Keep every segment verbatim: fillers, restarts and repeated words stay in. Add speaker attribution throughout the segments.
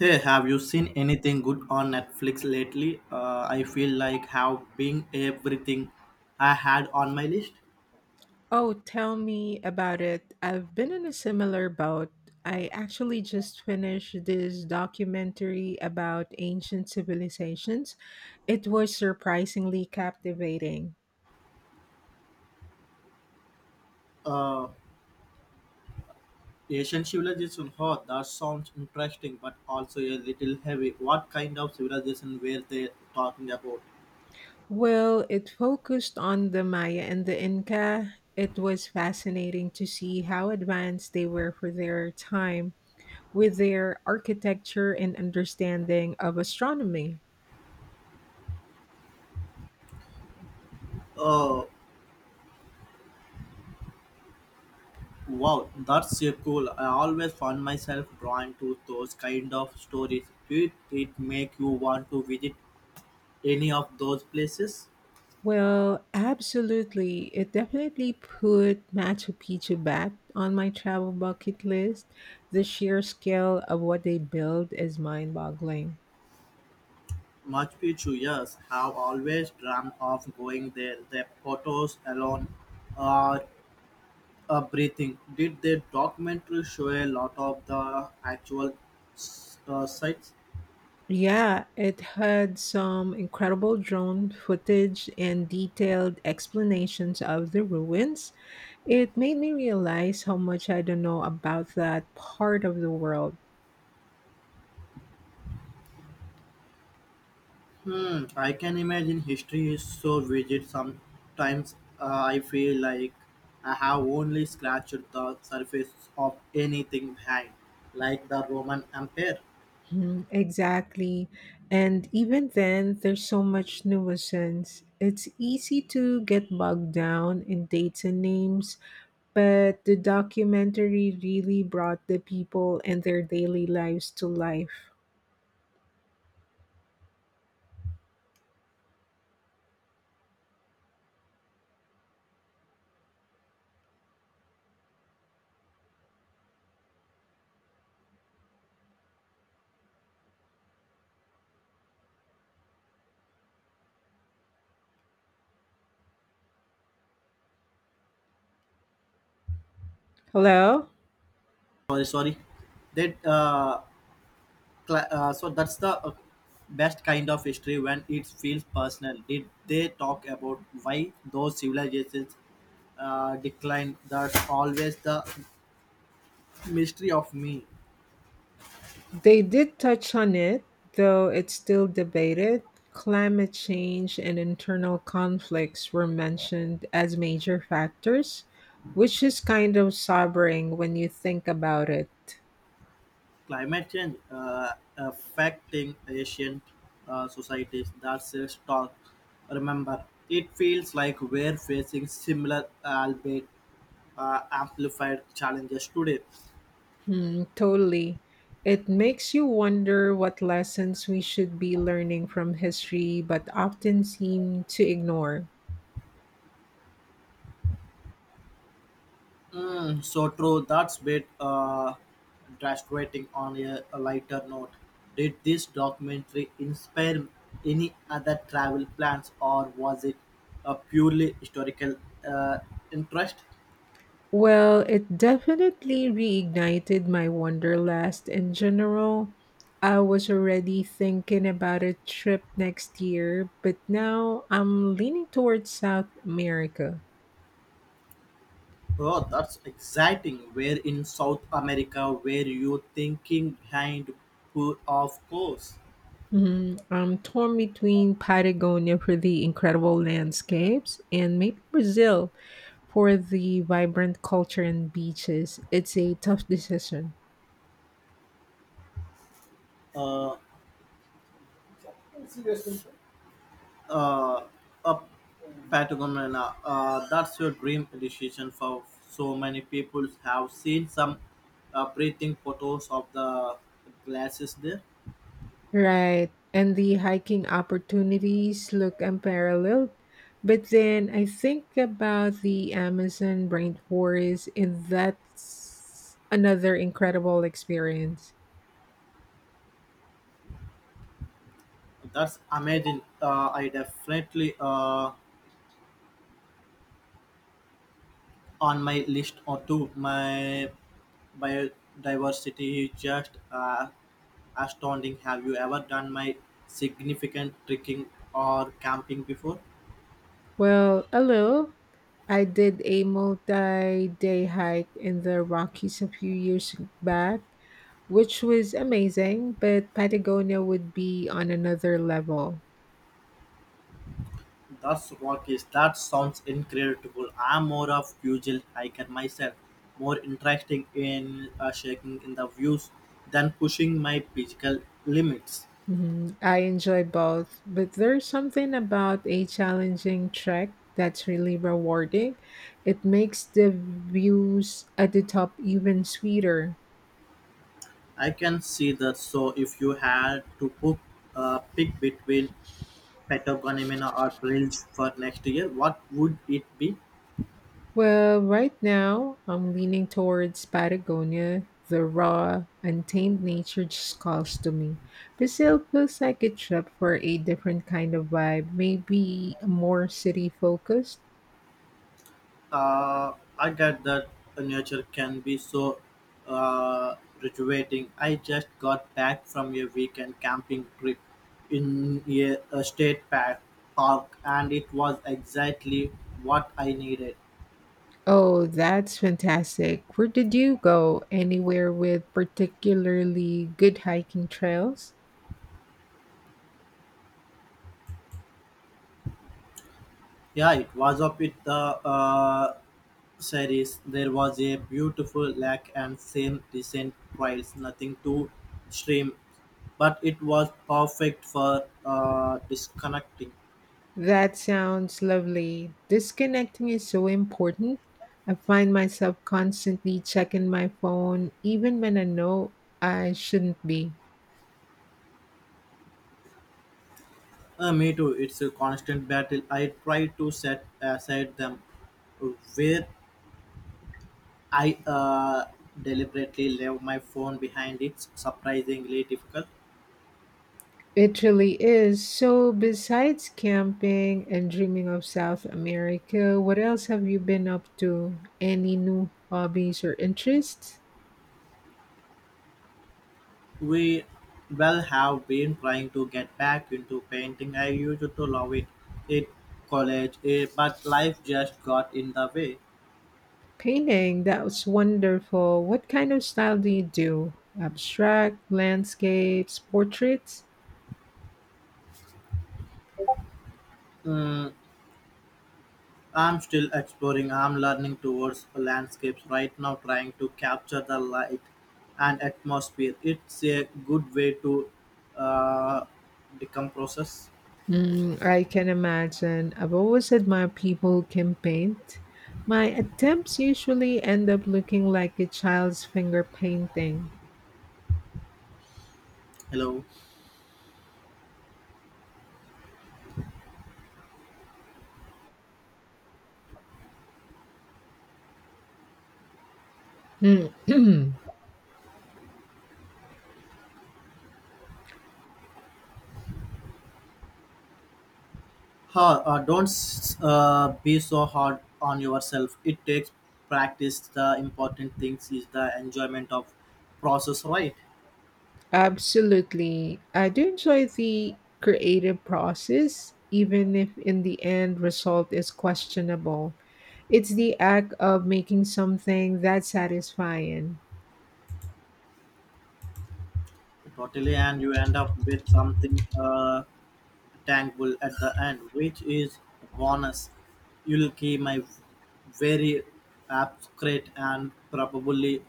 Speaker 1: Hey, have you seen anything good on Netflix lately? Uh, I feel like having everything I had on my list.
Speaker 2: Oh, tell me about it. I've been in a similar boat. I actually just finished this documentary about ancient civilizations. It was surprisingly captivating.
Speaker 1: Uh, Asian civilization, oh, that sounds interesting, but also a little heavy. What kind of civilization were they talking about?
Speaker 2: Well, it focused on the Maya and the Inca. It was fascinating to see how advanced they were for their time with their architecture and understanding of astronomy.
Speaker 1: Oh, wow, that's so cool. I always found myself drawn to those kind of stories. Did it make you want to visit any of those places?
Speaker 2: Well, absolutely. It definitely put Machu Picchu back on my travel bucket list. The sheer scale of what they built is mind boggling.
Speaker 1: Machu Picchu, yes, have always dreamt of going there. The photos alone are uh, breathing. Did the documentary show a lot of the actual s- uh, sites?
Speaker 2: Yeah, it had some incredible drone footage and detailed explanations of the ruins. It made me realize how much I don't know about that part of the world.
Speaker 1: Hmm, I can imagine history is so vivid. Sometimes uh, I feel like I have only scratched the surface of anything behind, like the Roman Empire.
Speaker 2: Mm, exactly. And even then, there's so much nuisance. It's easy to get bogged down in dates and names, but the documentary really brought the people and their daily lives to life. Hello?
Speaker 1: Sorry, sorry. That uh, Cla- uh, so that's the uh, best kind of history when it feels personal. Did they talk about why those civilizations uh, declined? That's always the mystery of me.
Speaker 2: They did touch on it, though it's still debated. Climate change and internal conflicts were mentioned as major factors, which is kind of sobering when you think about it.
Speaker 1: Climate change uh, affecting asian uh, societies, that's a talk. Remember it feels like we're facing similar albeit uh, amplified challenges today.
Speaker 2: Hmm, totally. It makes you wonder what lessons we should be learning from history but often seem to ignore.
Speaker 1: Mm, so true. That's bit uh, graduating on a, a lighter note. Did this documentary inspire any other travel plans, or was it a purely historical uh, interest?
Speaker 2: Well, it definitely reignited my wanderlust in general. I was already thinking about a trip next year, but now I'm leaning towards South America.
Speaker 1: Oh, that's exciting. Where in South America were you thinking behind? Poor, of course.
Speaker 2: Hmm, I'm torn between Patagonia for the incredible landscapes and maybe Brazil for the vibrant culture and beaches. It's a tough decision.
Speaker 1: Uh, uh, a Patagonia. Uh, that's your dream decision for so many people. Have seen some uh, breathing photos of the glasses there.
Speaker 2: Right. And the hiking opportunities look unparalleled. But then I think about the Amazon rainforest, and that's another incredible experience.
Speaker 1: That's amazing. Uh, I definitely uh, on my list or two. My biodiversity is just uh, astounding. Have you ever done my significant trekking or camping before?
Speaker 2: Well, hello. I did a multi day hike in the Rockies a few years back, which was amazing, but Patagonia would be on another level.
Speaker 1: That's Rockies. That sounds incredible. I'm more of usual hiker myself, more interested in uh, shaking in the views than pushing my physical limits.
Speaker 2: Mhm. I enjoy both, but there's something about a challenging trek that's really rewarding. It makes the views at the top even sweeter.
Speaker 1: I can see that. So, if you had to book uh, pick between Patagonia or Brills for next year, what would it be?
Speaker 2: Well, right now, I'm leaning towards Patagonia. The raw, untamed nature just calls to me. Brazil feels like a trip for a different kind of vibe, maybe more city focused.
Speaker 1: uh, I get that nature can be so uh, rejuvenating. I just got back from a weekend camping trip in a, a state park, park, and it was exactly what I needed.
Speaker 2: Oh, that's fantastic. Where did you go? Anywhere with particularly good hiking trails?
Speaker 1: Yeah, it was up with the uh, series. There was a beautiful lake and same decent trails, nothing too extreme, but it was perfect for uh, disconnecting.
Speaker 2: That sounds lovely. Disconnecting is so important. I find myself constantly checking my phone, even when I know I shouldn't be.
Speaker 1: Uh, me too. It's a constant battle. I try to set aside them where I uh, deliberately leave my phone behind. It's surprisingly difficult.
Speaker 2: It really is. So, besides camping and dreaming of South America, what else have you been up to? Any new hobbies or interests?
Speaker 1: We well have been trying to get back into painting. I used to love it in college, eh, but life just got in the way.
Speaker 2: Painting, that's wonderful. What kind of style do you do? Abstract, landscapes, portraits?
Speaker 1: Mm, I'm still exploring. I'm learning towards landscapes right now, trying to capture the light and atmosphere. It's a good way to uh, decompress.
Speaker 2: Mm, I can imagine. I've always admired people who can paint. My attempts usually end up looking like a child's finger painting.
Speaker 1: Hello.
Speaker 2: Hmm.
Speaker 1: Ha, uh, don't s- uh, be so hard on yourself. It takes practice. The important things is the enjoyment of process, right?
Speaker 2: Absolutely. I do enjoy the creative process, even if in the end result is questionable. It's the act of making something that's satisfying.
Speaker 1: Totally, and you end up with something uh, thankful at the end, which is a bonus. You'll keep my very abstract and probably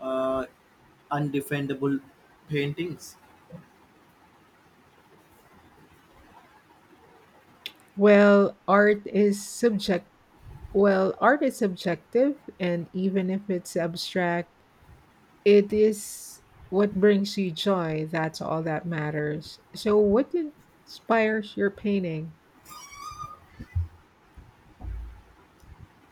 Speaker 1: uh, undefendable paintings.
Speaker 2: Well, art is subject well, art is subjective, and even if it's abstract, it is what brings you joy. That's all that matters. So what inspires your painting?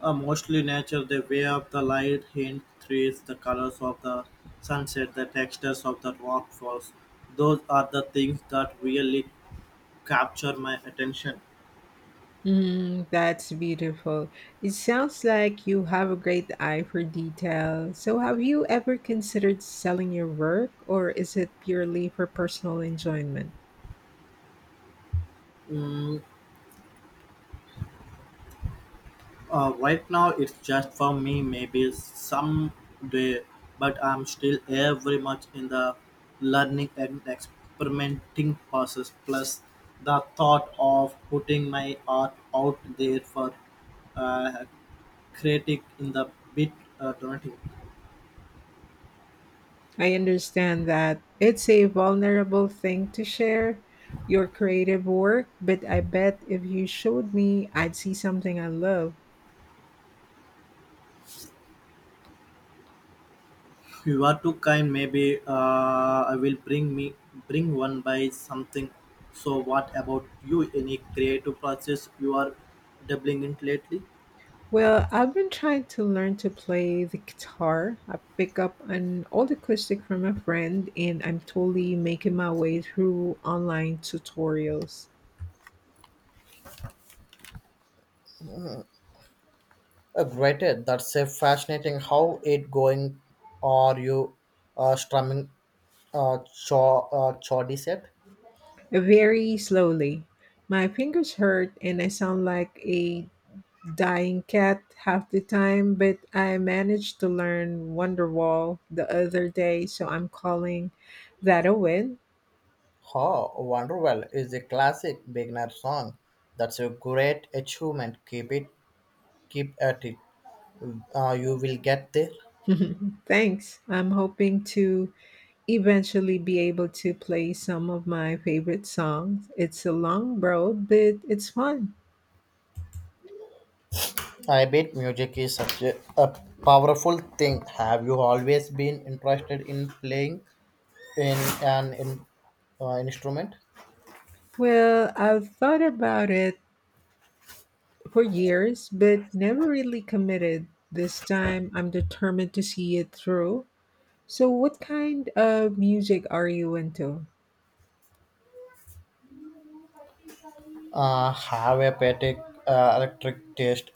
Speaker 1: Uh, mostly nature, the way of the light, hint, trees, the colors of the sunset, the textures of the rock falls. Those are the things that really capture my attention.
Speaker 2: Mm, that's beautiful. It sounds like you have a great eye for detail. So, have you ever considered selling your work, or is it purely for personal enjoyment?
Speaker 1: Mm, Uh, right now, it's just for me, maybe someday, but I'm still very much in the learning and experimenting process. Plus, the thought of putting my art out there for uh, creating in the bit uh, donating.
Speaker 2: I understand that it's a vulnerable thing to share your creative work, but I bet if you showed me, I'd see something I love.
Speaker 1: You are too kind. Maybe uh, I will bring me bring one by something. So, what about you? Any creative process you are doubling in lately?
Speaker 2: Well, I've been trying to learn to play the guitar. I pick up an old acoustic from a friend, and I'm totally making my way through online tutorials.
Speaker 1: Uh, great, eh, that's a fascinating. How it going? Are you uh, strumming uh, cho- uh, chordy set?
Speaker 2: Very slowly. My fingers hurt, and I sound like a dying cat half the time, but I managed to learn Wonderwall the other day, so I'm calling that a win.
Speaker 1: Oh, Wonderwell is a classic beginner song. That's a great achievement. Keep it, keep at it. Uh, you will get there.
Speaker 2: Thanks. I'm hoping to eventually be able to play some of my favorite songs. It's a long road, but it's fun.
Speaker 1: I bet music is such a, a powerful thing. Have you always been interested in playing in an in, uh, instrument?
Speaker 2: Well, I've thought about it for years, but never really committed. This time I'm determined to see it through. So, what kind of music are you into?
Speaker 1: uh, have a patek uh, electric taste.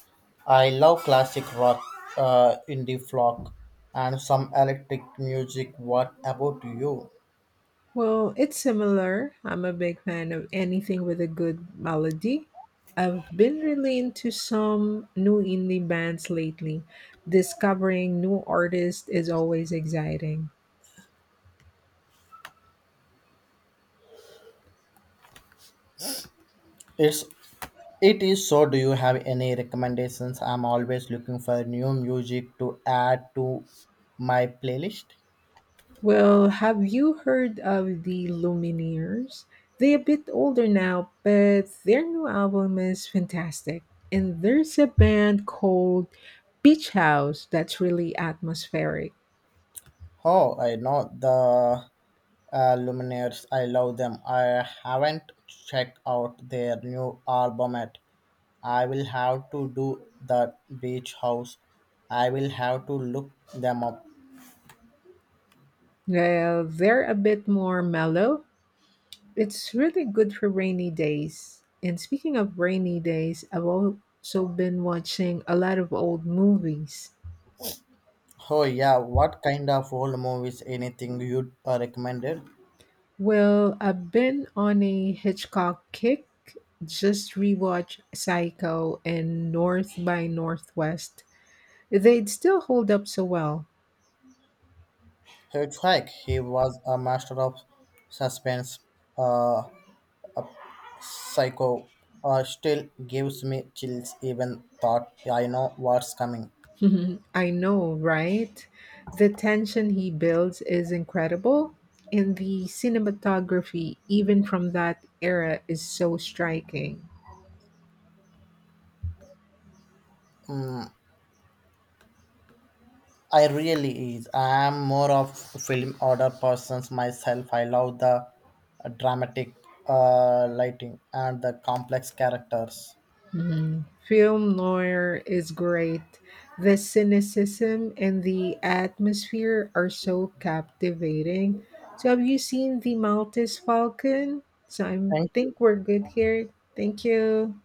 Speaker 1: I love classic rock, uh, indie folk, and some electric music. What about you?
Speaker 2: Well, it's similar. I'm a big fan of anything with a good melody. I've been really into some new indie bands lately. Discovering new artists is always exciting.
Speaker 1: It's it is so. Do you have any recommendations? I'm always looking for new music to add to my playlist.
Speaker 2: Well, have you heard of the Lumineers? They're a bit older now, but their new album is fantastic. And there's a band called Beach House that's really atmospheric.
Speaker 1: Oh, I know the uh, Lumineers. I love them. I haven't checked out their new album yet. I will have to do the beach house. I will have to look them up.
Speaker 2: Well, they're a bit more mellow. It's really good for rainy days. And speaking of rainy days, I've also been watching a lot of old movies.
Speaker 1: Oh yeah, what kind of old movies? Anything you'd uh, recommended?
Speaker 2: Well, I've been on a Hitchcock kick. Just rewatch Psycho and North by Northwest. They'd still hold up so well.
Speaker 1: Hitchhike. He was a master of suspense. Uh, psycho. Uh, still gives me chills even thought I know what's coming.
Speaker 2: I know, right? The tension he builds is incredible, and the cinematography, even from that era, is so striking.
Speaker 1: Mm, I really is. I am more of film order persons myself. I love the uh, dramatic uh, lighting and the complex characters.
Speaker 2: Mhm. Film noir is great. The cynicism and the atmosphere are so captivating. So, have you seen The Maltese Falcon? So, I think we're good here. Thank you.